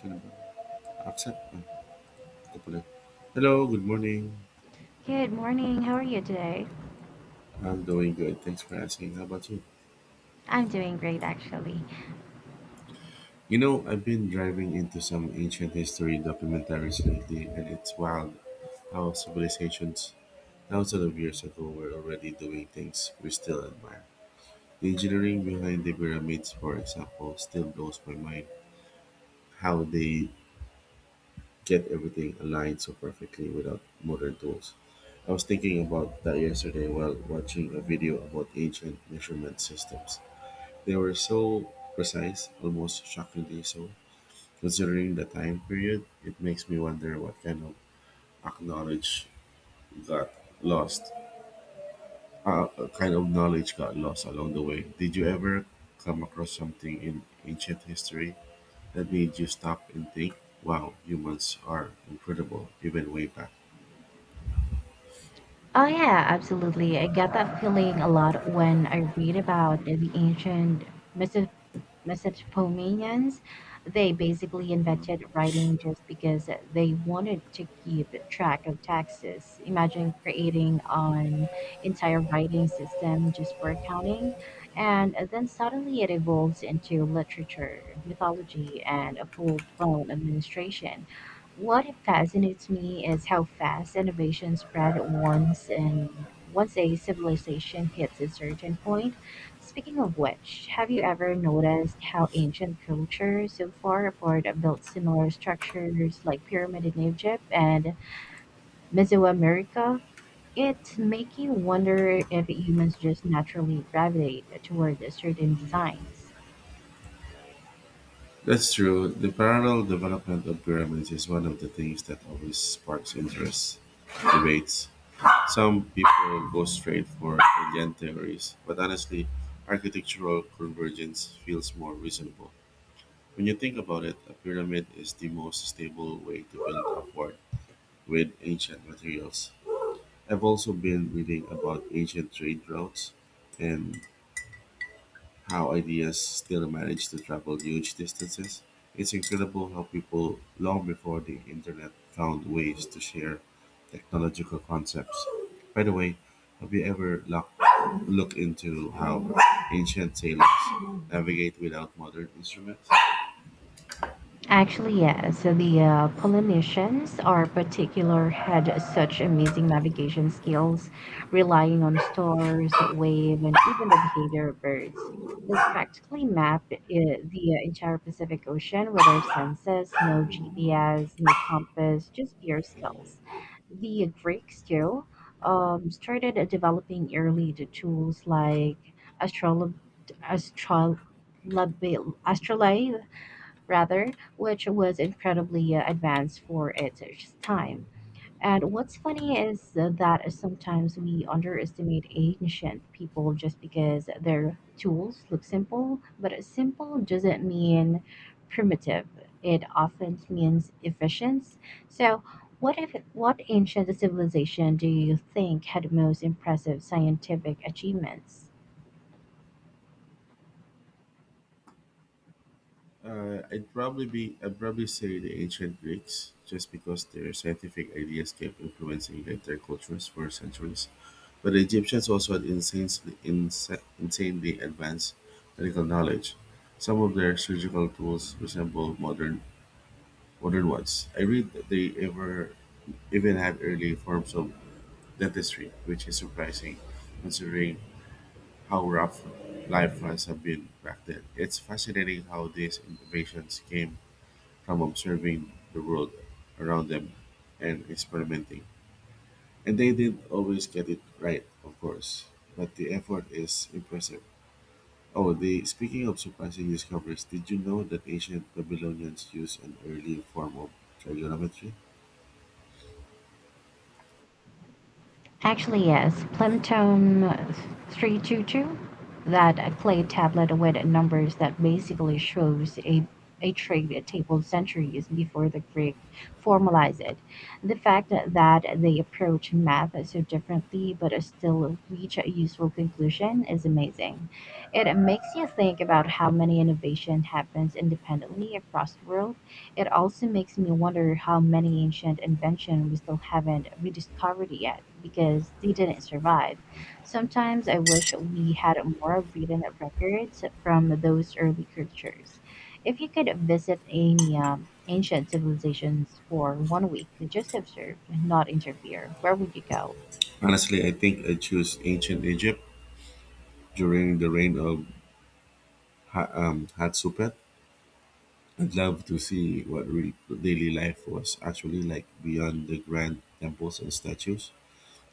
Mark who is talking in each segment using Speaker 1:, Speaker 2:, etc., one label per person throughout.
Speaker 1: Can accept. Oh, Ito pala. Hello, good morning.
Speaker 2: Good morning. How are you today?
Speaker 1: I'm doing good. Thanks for asking. How about you?
Speaker 2: I'm doing great, actually.
Speaker 1: I've been driving into some ancient history documentaries lately, and it's wild how civilizations thousands of years ago were already doing things we still admire. The engineering behind the pyramids, for example, still blows my mind how they get everything aligned so perfectly without modern tools. I was thinking about that yesterday while watching a video about ancient measurement systems. They were so precise, almost shockingly so. Considering the time period, it makes me wonder what kind of ac- knowledge got lost. Kind of knowledge got lost along the way. Did you ever come across something in ancient history that made you stop and think, wow, humans are incredible, even way back?
Speaker 2: Oh, yeah, absolutely. I get that feeling a lot when I read about the ancient Mesopotamians. They basically invented writing just because they wanted to keep track of taxes. Imagine creating an entire writing system just for accounting, and then suddenly it evolves into literature, mythology, and a full blown administration. What fascinates me is how fast innovation spread once a civilization hits a certain point. Speaking of which, have you ever noticed how ancient cultures so far apart have built similar structures like pyramid in Egypt and Mesoamerica? It make you wonder if humans just naturally gravitate toward certain designs.
Speaker 1: That's true. The parallel development of pyramids is one of the things that always sparks interest debates. Some people go straight for alien theories, but honestly, architectural convergence feels more reasonable. When you think about it, a pyramid is the most stable way to build upward with ancient materials. I've also been reading about ancient trade routes and how ideas still manage to travel huge distances. It's incredible how people, long before the internet, found ways to share technological concepts. By the way, have you ever looked into how ancient sailors navigate without modern instruments?
Speaker 2: Actually, yes. So the Polynesians are particular had such amazing navigation skills, relying on stars, wave, and even the behavior of birds. They practically mapped the entire Pacific Ocean with their senses, no GPS, no compass, just pure skills. The Greeks, too, started developing early the tools like astrolab astro astrolabe, astrolabe rather, which was incredibly advanced for its time. And what's funny is that sometimes we underestimate ancient people just because their tools look simple, but simple doesn't mean primitive. It often means efficient. So, what if what ancient civilization do you think had most impressive scientific achievements?
Speaker 1: I'd probably say the ancient Greeks, just because their scientific ideas kept influencing later cultures for centuries. But the Egyptians also had insanely advanced medical knowledge. Some of their surgical tools resemble modern ones. I read that they ever even had early forms of dentistry, which is surprising considering how rough life must have been back then. It's fascinating how these innovations came from observing the world around them and experimenting. And they didn't always get it right, of course, but the effort is impressive. Oh, the speaking of surprising discoveries, did you know that ancient Babylonians used an early form of trigonometry?
Speaker 2: Actually, yes. Plemtone 322, that clay tablet with numbers that basically shows a trade table centuries before the Greek formalized it. The fact that they approach math so differently but still reach a useful conclusion is amazing. It makes you think about how many innovation happens independently across the world. It also makes me wonder how many ancient inventions we still haven't rediscovered yet because they didn't survive. Sometimes I wish we had more written records from those early cultures. If you could visit any ancient civilizations for one week, just observe, not interfere, where would you go?
Speaker 1: Honestly, I think I choose ancient Egypt during the reign of Hatshepsut. I'd love to see what real daily life was actually like beyond the grand temples and statues.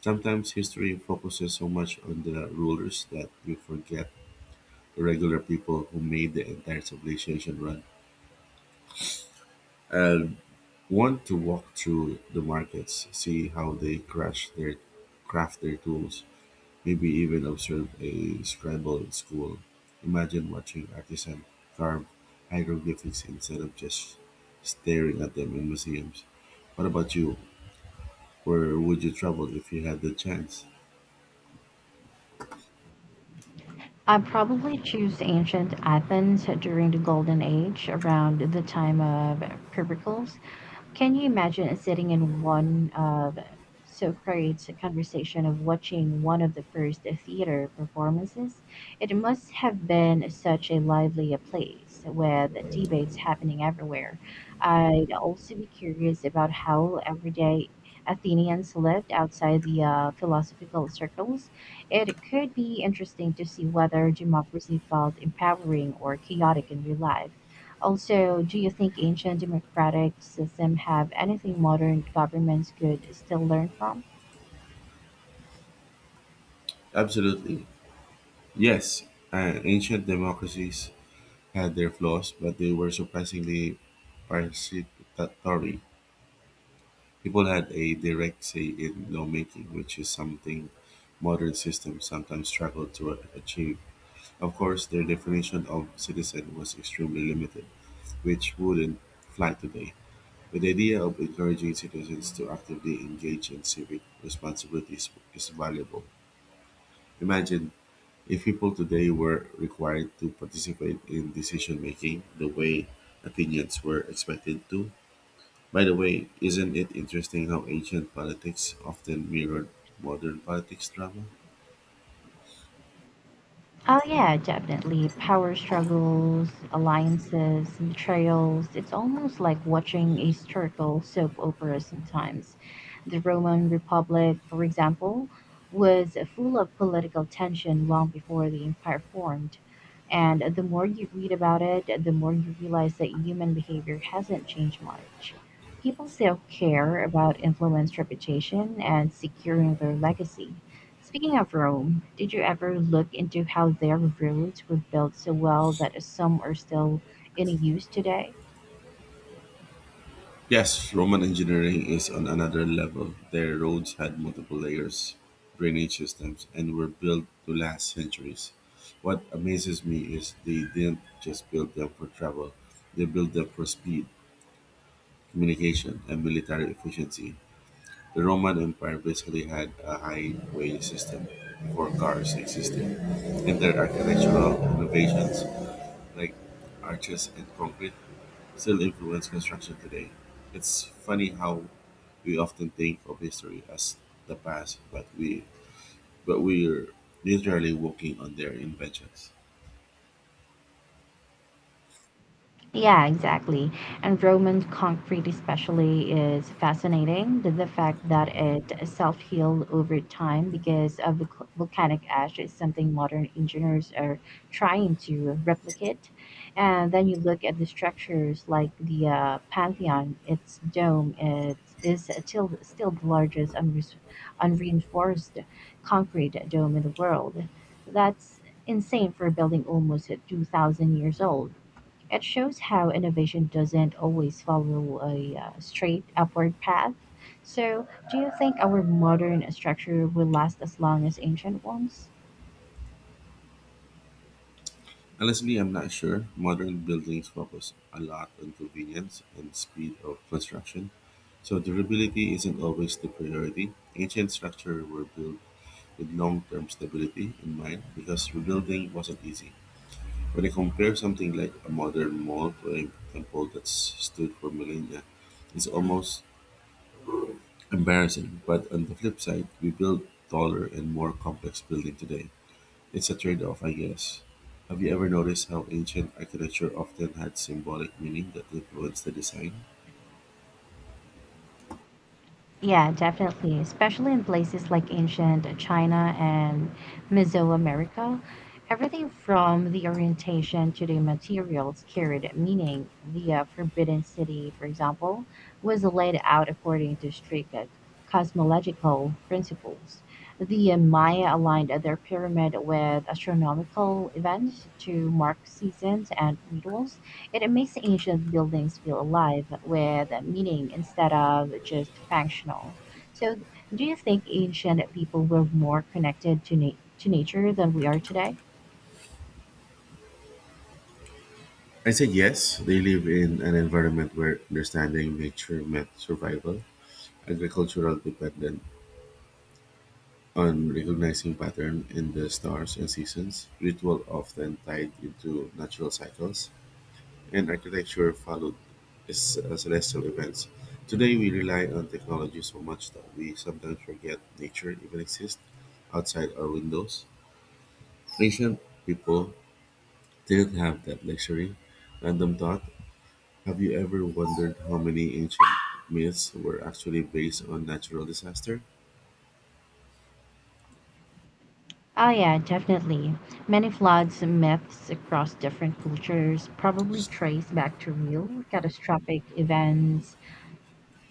Speaker 1: Sometimes history focuses so much on the rulers that we forget the regular people who made the entire civilization run. And want to walk through the markets, see how they crash their craft their tools, maybe even observe a scramble in school. Imagine watching artisans carve hieroglyphics instead of just staring at them in museums. What about you? Where would you travel if you had the chance?
Speaker 2: I'd probably choose ancient Athens during the Golden Age, around the time of Pericles. Can you imagine sitting in one of Socrates' conversation of watching one of the first theater performances? It must have been such a lively place with debates happening everywhere. I'd also be curious about how everyday Athenians lived outside the philosophical circles. It could be interesting to see whether democracy felt empowering or chaotic in real life. Also, do you think ancient democratic system have anything modern governments could still learn from?
Speaker 1: Absolutely. Yes, ancient democracies had their flaws, but they were surprisingly participatory. People had a direct say in lawmaking, which is something modern systems sometimes struggle to achieve. Of course, their definition of citizen was extremely limited, which wouldn't fly today. But the idea of encouraging citizens to actively engage in civic responsibilities is valuable. Imagine if people today were required to participate in decision making the way Athenians were expected to, by the way, isn't it interesting how ancient politics often mirrored modern politics drama?
Speaker 2: Oh, yeah, definitely. Power struggles, alliances, betrayals. It's almost like watching a historical soap opera sometimes. The Roman Republic, for example, was full of political tension long before the empire formed. And the more you read about it, the more you realize that human behavior hasn't changed much. People still care about influence, reputation, and securing their legacy. Speaking of Rome, did you ever look into how their roads were built so well that some are still in use today?
Speaker 1: Yes, Roman engineering is on another level. Their roads had multiple layers, drainage systems, and were built to last centuries. What amazes me is they didn't just build them for travel, they built them for speed, communication, and military efficiency. The Roman Empire basically had a highway system before cars existed, and their architectural innovations, like arches and concrete, still influence construction today. It's funny how we often think of history as the past, but we're literally walking on their inventions.
Speaker 2: Yeah, exactly. And Roman concrete, especially, is fascinating. The fact that it self healed over time because of volcanic ash is something modern engineers are trying to replicate. And then you look at the structures like the Pantheon, its dome it is still the largest unreinforced concrete dome in the world. That's insane for a building almost 2,000 years old. It shows how innovation doesn't always follow a straight upward path. So, do you think our modern structure will last as long as ancient ones?
Speaker 1: Honestly, I'm not sure. Modern buildings focus a lot on convenience and speed of construction, so durability isn't always the priority. Ancient structures were built with long-term stability in mind because rebuilding wasn't easy. When I compare something like a modern mall to a temple that's stood for millennia, it's almost embarrassing. But on the flip side, we build taller and more complex building today. It's a trade-off, I guess. Have you ever noticed how ancient architecture often had symbolic meaning that influenced the design?
Speaker 2: Yeah, definitely. Especially in places like ancient China and Mesoamerica, everything from the orientation to the materials carried meaning. The Forbidden City, for example, was laid out according to strict cosmological principles. The Maya aligned their pyramid with astronomical events to mark seasons and rituals. It makes ancient buildings feel alive with meaning instead of just functional. So, do you think ancient people were more connected to nature than we are today?
Speaker 1: I said yes. They live in an environment where understanding nature meant survival. Agricultural dependent on recognizing pattern in the stars and seasons, ritual often tied into natural cycles, and architecture followed celestial events. Today we rely on technology so much that we sometimes forget nature even exists outside our windows. Ancient people didn't have that luxury. Random thought. Have you ever wondered how many ancient myths were actually based on natural disaster?
Speaker 2: Oh, yeah, definitely. Many floods and myths across different cultures probably trace back to real catastrophic events,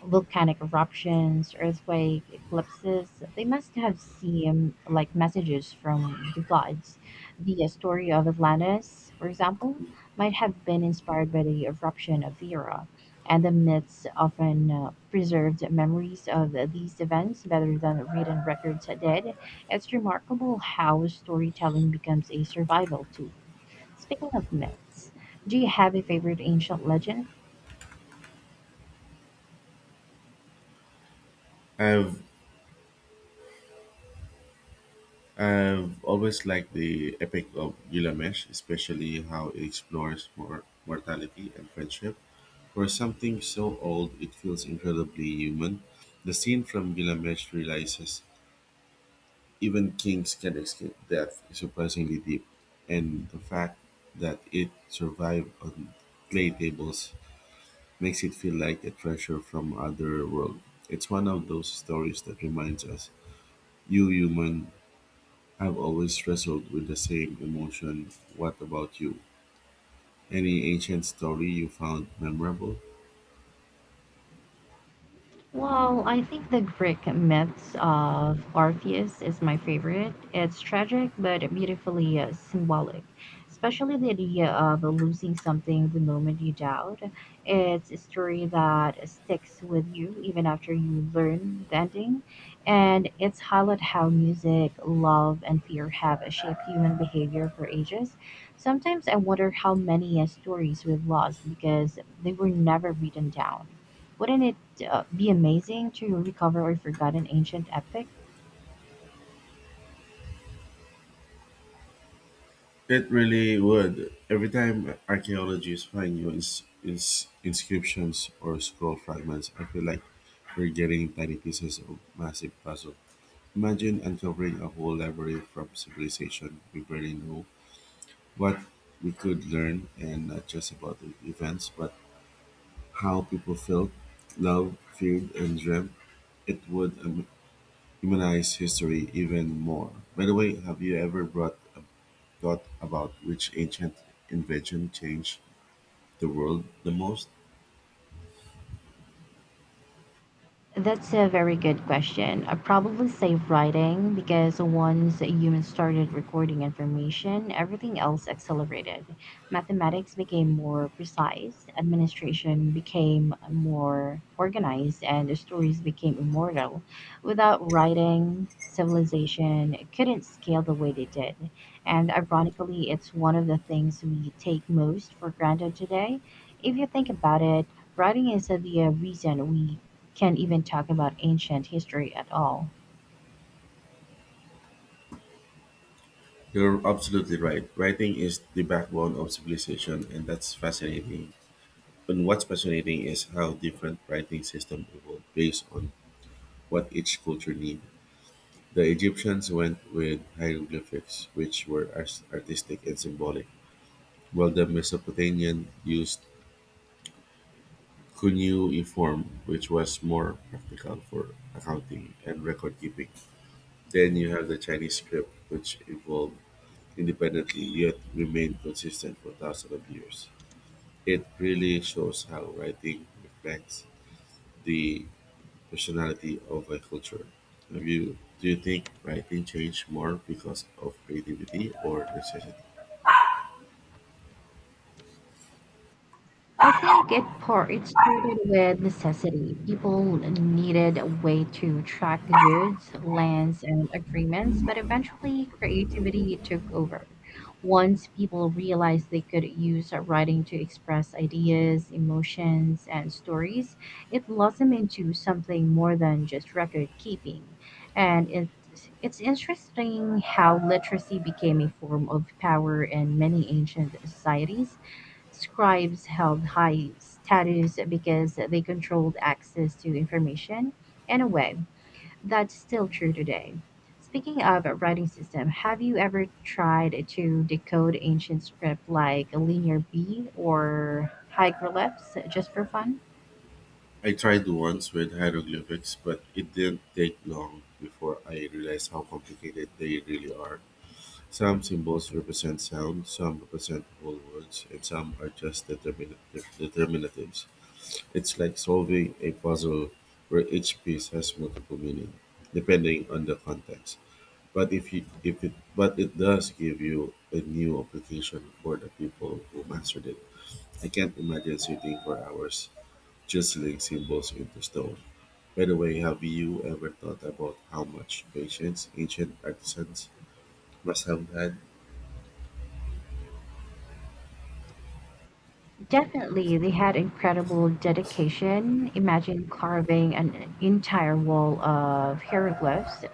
Speaker 2: volcanic eruptions, earthquake, eclipses. They must have seemed like messages from the gods. The story of Atlantis, for example, might have been inspired by the eruption of Thera, and the myths often preserved memories of these events better than written records did. It's remarkable how storytelling becomes a survival tool. Speaking of myths, do you have a favorite ancient legend?
Speaker 1: I've, I've always liked the epic of Gilgamesh, especially how it explores mortality and friendship. For something so old, it feels incredibly human. The scene from Gilgamesh realizes even kings can escape death is surprisingly deep, and the fact that it survived on clay tables makes it feel like a treasure from other world. It's one of those stories that reminds us, you human have always wrestled with the same emotion. What about you? Any ancient story you found memorable?
Speaker 2: Well, I think the Greek myths of Orpheus is my favorite. It's tragic but beautifully symbolic, especially the idea of losing something the moment you doubt. It's a story that sticks with you even after you learn the ending, and it's highlight how music, love, and fear have shaped human behavior for ages. Sometimes I wonder how many stories we've lost because they were never written down. Wouldn't it be amazing to recover a forgotten ancient epic?
Speaker 1: It really would. Every time archaeologists find new inscriptions or scroll fragments, I feel like we're getting tiny pieces of massive puzzle. Imagine uncovering a whole library from civilization we barely know what we could learn, and not just about the events, but how people felt, loved, feared, and dreamt. It would humanize history even more. By the way, have you ever brought a thought about which ancient invention changed the world the most?
Speaker 2: That's a very good question. I probably say writing because once humans started recording information, everything else accelerated. Mathematics became more precise, administration became more organized, and the stories became immortal. Without writing, civilization couldn't scale the way they did. And ironically, it's one of the things we take most for granted today. If you think about it, writing is the reason we can't even talk about ancient history at all.
Speaker 1: You're absolutely right. Writing is the backbone of civilization, and that's fascinating. And what's fascinating is how different writing systems evolved based on what each culture needed. The Egyptians went with hieroglyphics, which were artistic and symbolic, while the Mesopotamian used cuneiform, which was more practical for accounting and record keeping. Then you have the Chinese script, which evolved independently yet remained consistent for thousands of years. It really shows how writing reflects the personality of a culture. Have you, do you think writing changed more because of creativity or necessity?
Speaker 2: I think it started with necessity. People needed a way to track the goods, lands, and agreements, but eventually creativity took over. Once people realized they could use writing to express ideas, emotions, and stories, it blossomed into something more than just record keeping. And it it's interesting how literacy became a form of power in many ancient societies. Scribes held high status because they controlled access to information in a way that's still true today. Speaking of a writing system, have you ever tried to decode ancient script like Linear B or hieroglyphs just for fun?
Speaker 1: I tried once with hieroglyphics, but it didn't take long before I realized how complicated they really are. Some symbols represent sound, some represent whole words, and some are just determinatives. It's like solving a puzzle where each piece has multiple meaning, depending on the context. But if you, if it but it does give you a new application for the people who mastered it. I can't imagine sitting for hours chiseling symbols into stone. By the way, have you ever thought about how much patience ancient artisans must have had?
Speaker 2: Definitely, they had incredible dedication. Imagine carving an entire wall of hieroglyphs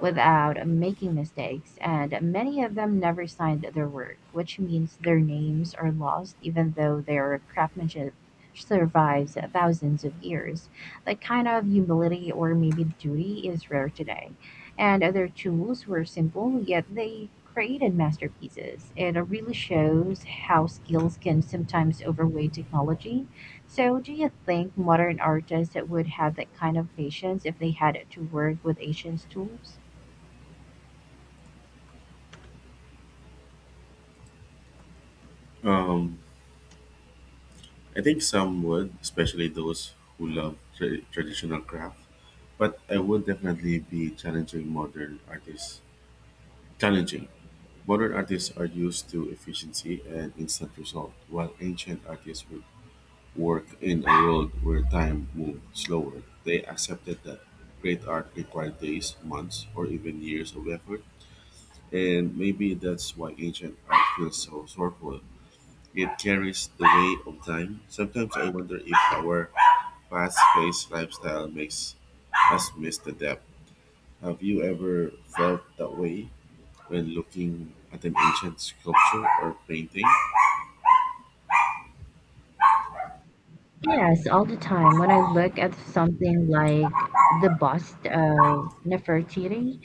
Speaker 2: without making mistakes, and many of them never signed their work, which means their names are lost even though their craftsmanship survives thousands of years. That kind of humility or maybe duty is rare today, and other tools were simple, yet they created masterpieces. It really shows how skills can sometimes outweigh technology. So, do you think modern artists would have that kind of patience if they had to work with ancient tools?
Speaker 1: Um, I think some would, especially those who love traditional craft. But I would definitely be challenging modern artists. Challenging. Modern artists are used to efficiency and instant result, while ancient artists would work in a world where time moved slower. They accepted that great art required days, months, or even years of effort. And maybe that's why ancient art feels so sorrowful. It carries the weight of time. Sometimes I wonder if our fast-paced lifestyle makes us miss the depth. Have you ever felt that way when looking at an ancient sculpture or painting?
Speaker 2: Yes, all the time. When I look at something like the bust of Nefertiti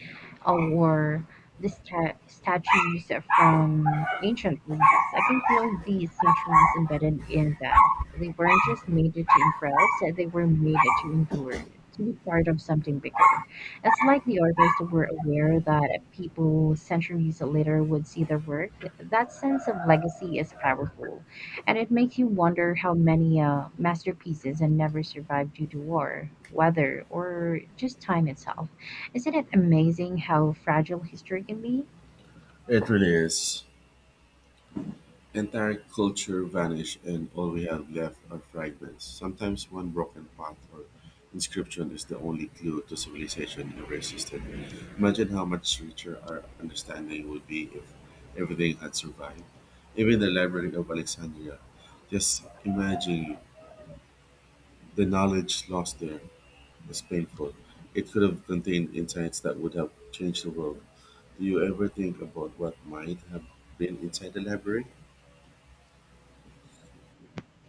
Speaker 2: or the statues from ancient Greece, I can feel these centuries embedded in them. They weren't just made to impress, they were made to endure, to be part of something bigger. It's like the artists were aware that people centuries later would see their work. That sense of legacy is powerful. And it makes you wonder how many masterpieces and never survived due to war, weather, or just time itself. Isn't it amazing how fragile history can be?
Speaker 1: It really is. Entire culture vanish, and all we have left are fragments. Sometimes one broken pot or inscription is the only clue to civilization ever existed. Imagine how much richer our understanding would be if everything had survived. Even the Library of Alexandria. Just imagine the knowledge lost there is painful. It could have contained insights that would have changed the world. Do you ever think about what might have been inside the library?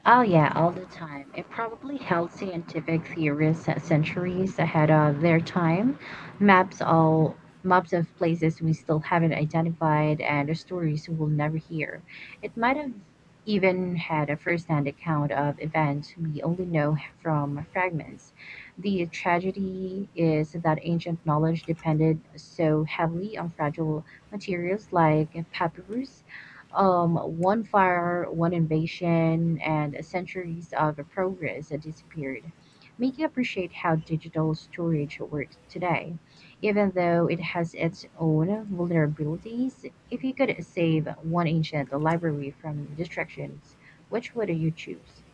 Speaker 2: Oh yeah, all the time. It probably held scientific theorists at centuries ahead of their time. Maps all Maps of places we still haven't identified and stories we'll never hear. It might have even had a first-hand account of events we only know from fragments. The tragedy is that ancient knowledge depended so heavily on fragile materials like papyrus. One fire, one invasion, and centuries of progress disappeared, making you appreciate how digital storage works today. Even though it has its own vulnerabilities, if you could save one ancient library from distractions, which would you choose?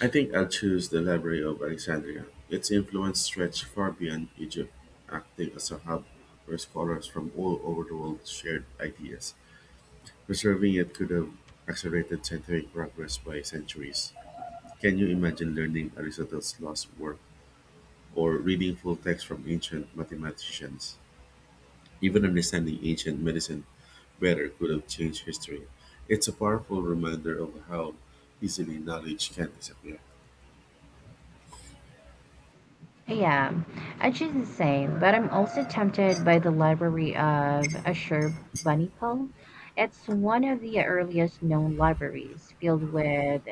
Speaker 1: I think I'll choose the Library of Alexandria. Its influence stretched far beyond Egypt, acting as a hub where scholars from all over the world shared ideas. Preserving it could have accelerated scientific progress by centuries. Can you imagine learning Aristotle's lost work or reading full text from ancient mathematicians? Even understanding ancient medicine better could have changed history. It's a powerful reminder of how easily knowledge can disappear.
Speaker 2: Yeah, I choose the same, but I'm also tempted by the library of Ashur bani pal. It's one of the earliest known libraries, filled with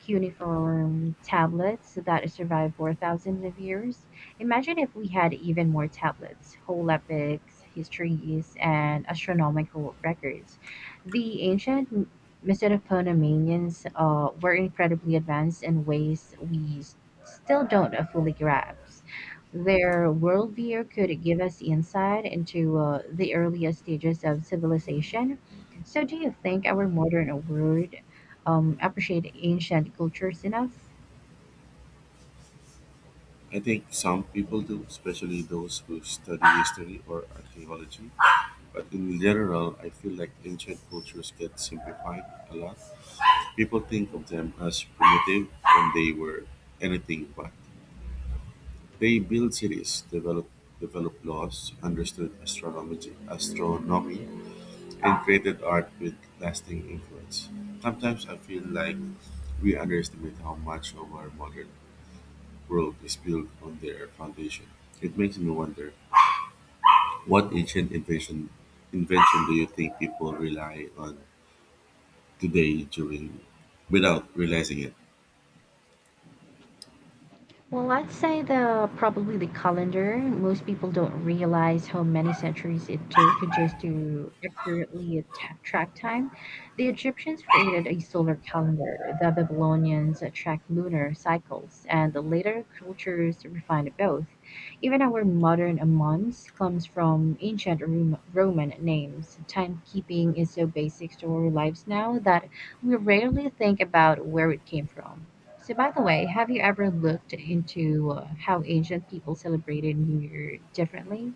Speaker 2: cuneiform tablets that survived for thousands of years. Imagine if we had even more tablets, whole epics, histories, and astronomical records. The ancient Mesopotamians were incredibly advanced in ways we still don't fully grasp. Their worldview could give us insight into the earliest stages of civilization. So, do you think our modern world appreciate ancient cultures enough?
Speaker 1: I think some people do, especially those who study history or archaeology. But in general, I feel like ancient cultures get simplified a lot. People think of them as primitive when they were anything but. They built cities, developed laws, understood astronomy and created art with lasting influence. Sometimes I feel like we underestimate how much of our modern world is built on their foundation. It makes me wonder what ancient invention do you think people rely on today during without realizing it?
Speaker 2: Well, I'd say the probably the calendar. Most people don't realize how many centuries it took just to accurately track time. The Egyptians created a solar calendar. The Babylonians tracked lunar cycles, and the later cultures refined both. Even our modern months comes from ancient Roman names. Timekeeping is so basic to our lives now that we rarely think about where it came from. So, by the way, have you ever looked into how ancient people celebrated New Year differently?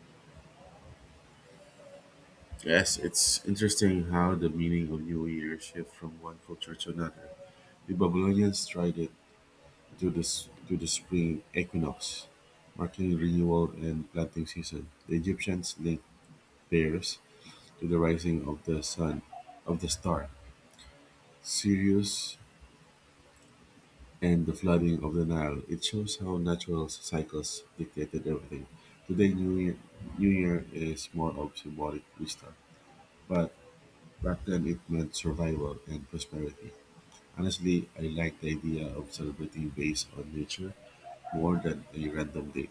Speaker 1: Yes, it's interesting how the meaning of New Year shifts from one culture to another. The Babylonians tried it to the s- to the spring equinox, marking renewal and planting season, the Egyptians linked theirs to the rising of the star Sirius and the flooding of the Nile. It shows how natural cycles dictated everything. Today, New Year is more of symbolic wisdom, but back then it meant survival and prosperity. Honestly, I like the idea of celebrating based on nature more than a random date.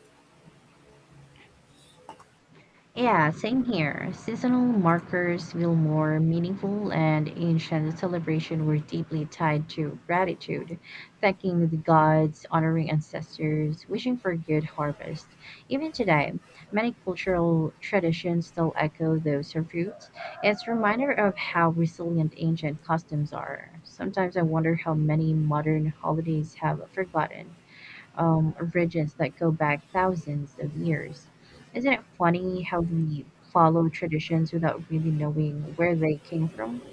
Speaker 2: Yeah, same here. Seasonal markers feel more meaningful, and ancient celebration were deeply tied to gratitude, thanking the gods, honoring ancestors, wishing for a good harvest. Even today, many cultural traditions still echo those of roots. It's a reminder of how resilient ancient customs are. Sometimes I wonder how many modern holidays have forgotten ridges that go back thousands of years. Isn't it funny how we follow traditions without really knowing where they came from?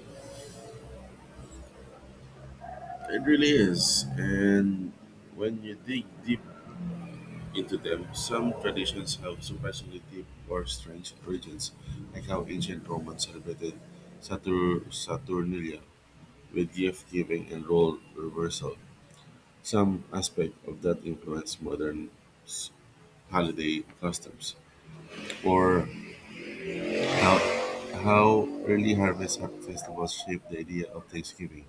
Speaker 1: It really is. And when you dig deep into them, some traditions have surprisingly deep or strange origins, like how ancient Romans celebrated Saturnalia with gift giving and role reversal. Some aspect of that influenced modern s- holiday customs, or how, how early harvest festivals shaped the idea of Thanksgiving.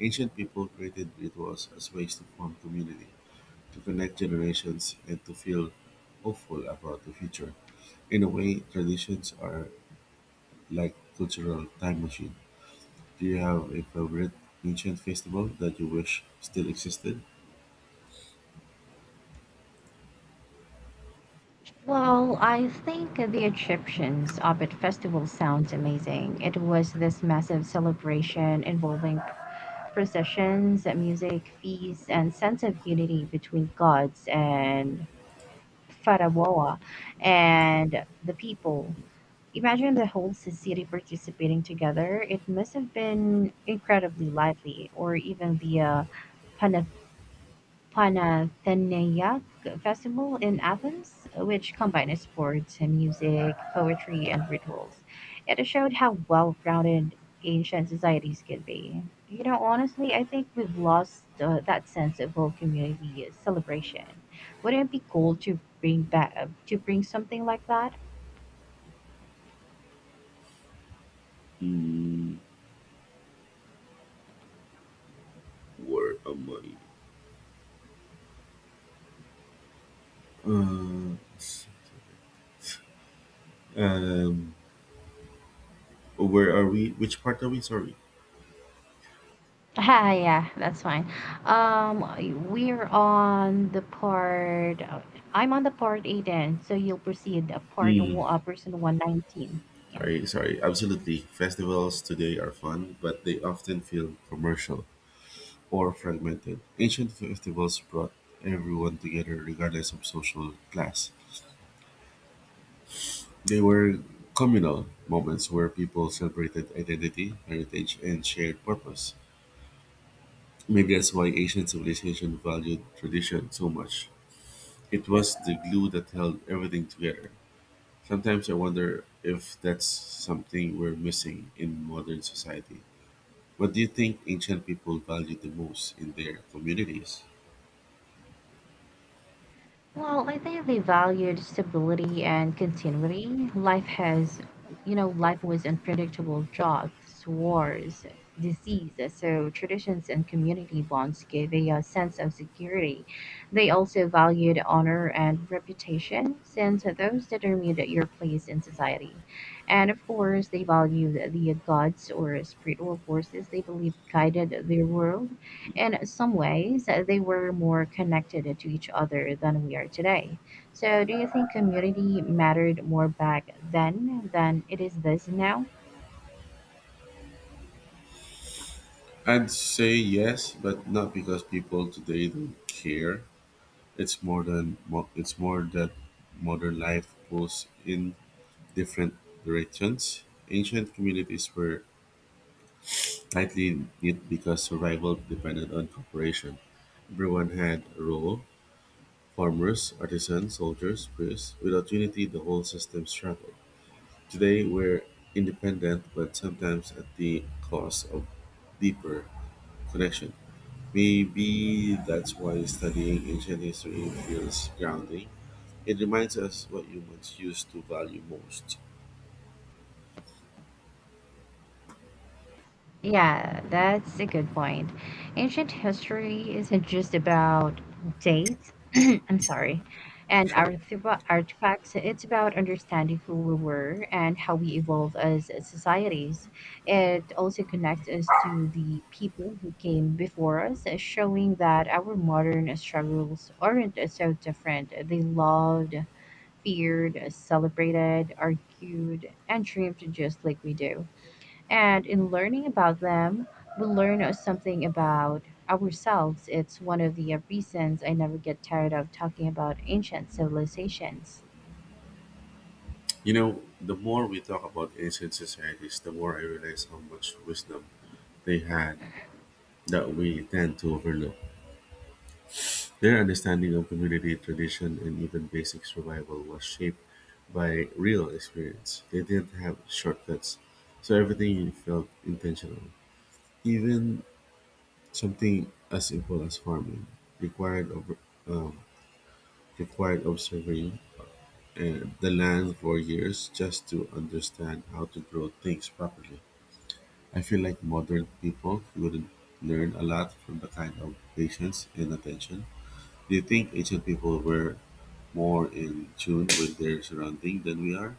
Speaker 1: Ancient people created rituals as ways to form community to connect generations and to feel hopeful about the future. In a way, traditions are like cultural time machine. Do you have a favorite ancient festival that you wish still existed?
Speaker 2: Well, I think the Egyptians' Abid festival sounds amazing. It was this massive celebration involving processions, music, feasts, and sense of unity between gods and Pharaoh and the people. Imagine the whole city participating together. It must have been incredibly lively, or even the Pana- Panathenaique Festival in Athens, which combined sports, and music, poetry, and rituals. It showed how well rounded ancient societies could be. You know, honestly, I think we've lost that sense of whole community celebration. Wouldn't it be cool to bring something like that?
Speaker 1: Mm, where am I? Uh, s- um, where are we? Which part are we? Sorry.
Speaker 2: Ha, yeah, that's fine. We're on the part. I'm on the part eight, then. So you'll proceed. Part one, person 119. Yeah.
Speaker 1: Sorry, sorry. Absolutely. Festivals today are fun, but they often feel commercial or fragmented. Ancient festivals brought everyone together regardless of social class. They were communal moments where people celebrated identity, heritage, and shared purpose. Maybe that's why ancient civilization valued tradition so much. It was the glue that held everything together. Sometimes I wonder if that's something we're missing in modern society. What do you think ancient people valued the most in their communities?
Speaker 2: Well, I think they valued stability and continuity. Life has, you know, Life was unpredictable jobs, wars, disease. So traditions and community bonds gave a sense of security. They also valued honor and reputation, since those determined your place in society. And of course, they valued the gods or spiritual forces they believed guided their world. In some ways, they were more connected to each other than we are today. So, do you think community mattered more back then than it is this now?
Speaker 1: I'd say yes, but not because people today don't care. It's more that modern life pulls in different directions. Ancient communities were tightly knit because survival depended on cooperation. Everyone had a role: farmers, artisans, soldiers, priests. Without unity, the whole system struggled. Today, we're independent, but sometimes at the cost of deeper connection. Maybe that's why studying ancient history feels grounding. It reminds us what humans used to value most.
Speaker 2: Yeah, that's a good point. Ancient history isn't just about dates. I'm sorry. And
Speaker 1: Sure.
Speaker 2: artifacts, it's about understanding who we were and how we evolved as societies. It also connects us to the people who came before us, showing that our modern struggles aren't so different. They loved, feared, celebrated, argued, and dreamed just like we do. And in learning about them, we learn something about ourselves. It's one of the reasons I never get tired of talking about ancient civilizations.
Speaker 1: You know, the more we talk about ancient societies, the more I realize how much wisdom they had that we tend to overlook. Their understanding of community, tradition, and even basic survival was shaped by real experience. They didn't have shortcuts, so everything felt intentional. Even something as simple as farming required of, um, required observing the land for years just to understand how to grow things properly. I feel like modern people would learn a lot from the kind of patience and attention. Do you think ancient people were more in tune with their surrounding than we are?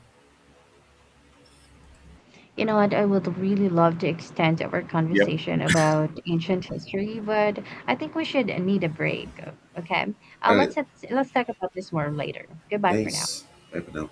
Speaker 2: You know what? I would really love to extend our
Speaker 1: Yep.
Speaker 2: conversation about ancient history, but I think we should need a break. Okay, uh,
Speaker 1: All right.
Speaker 2: let's let's talk about this more later. Goodbye for now.
Speaker 1: Thanks. Bye for now.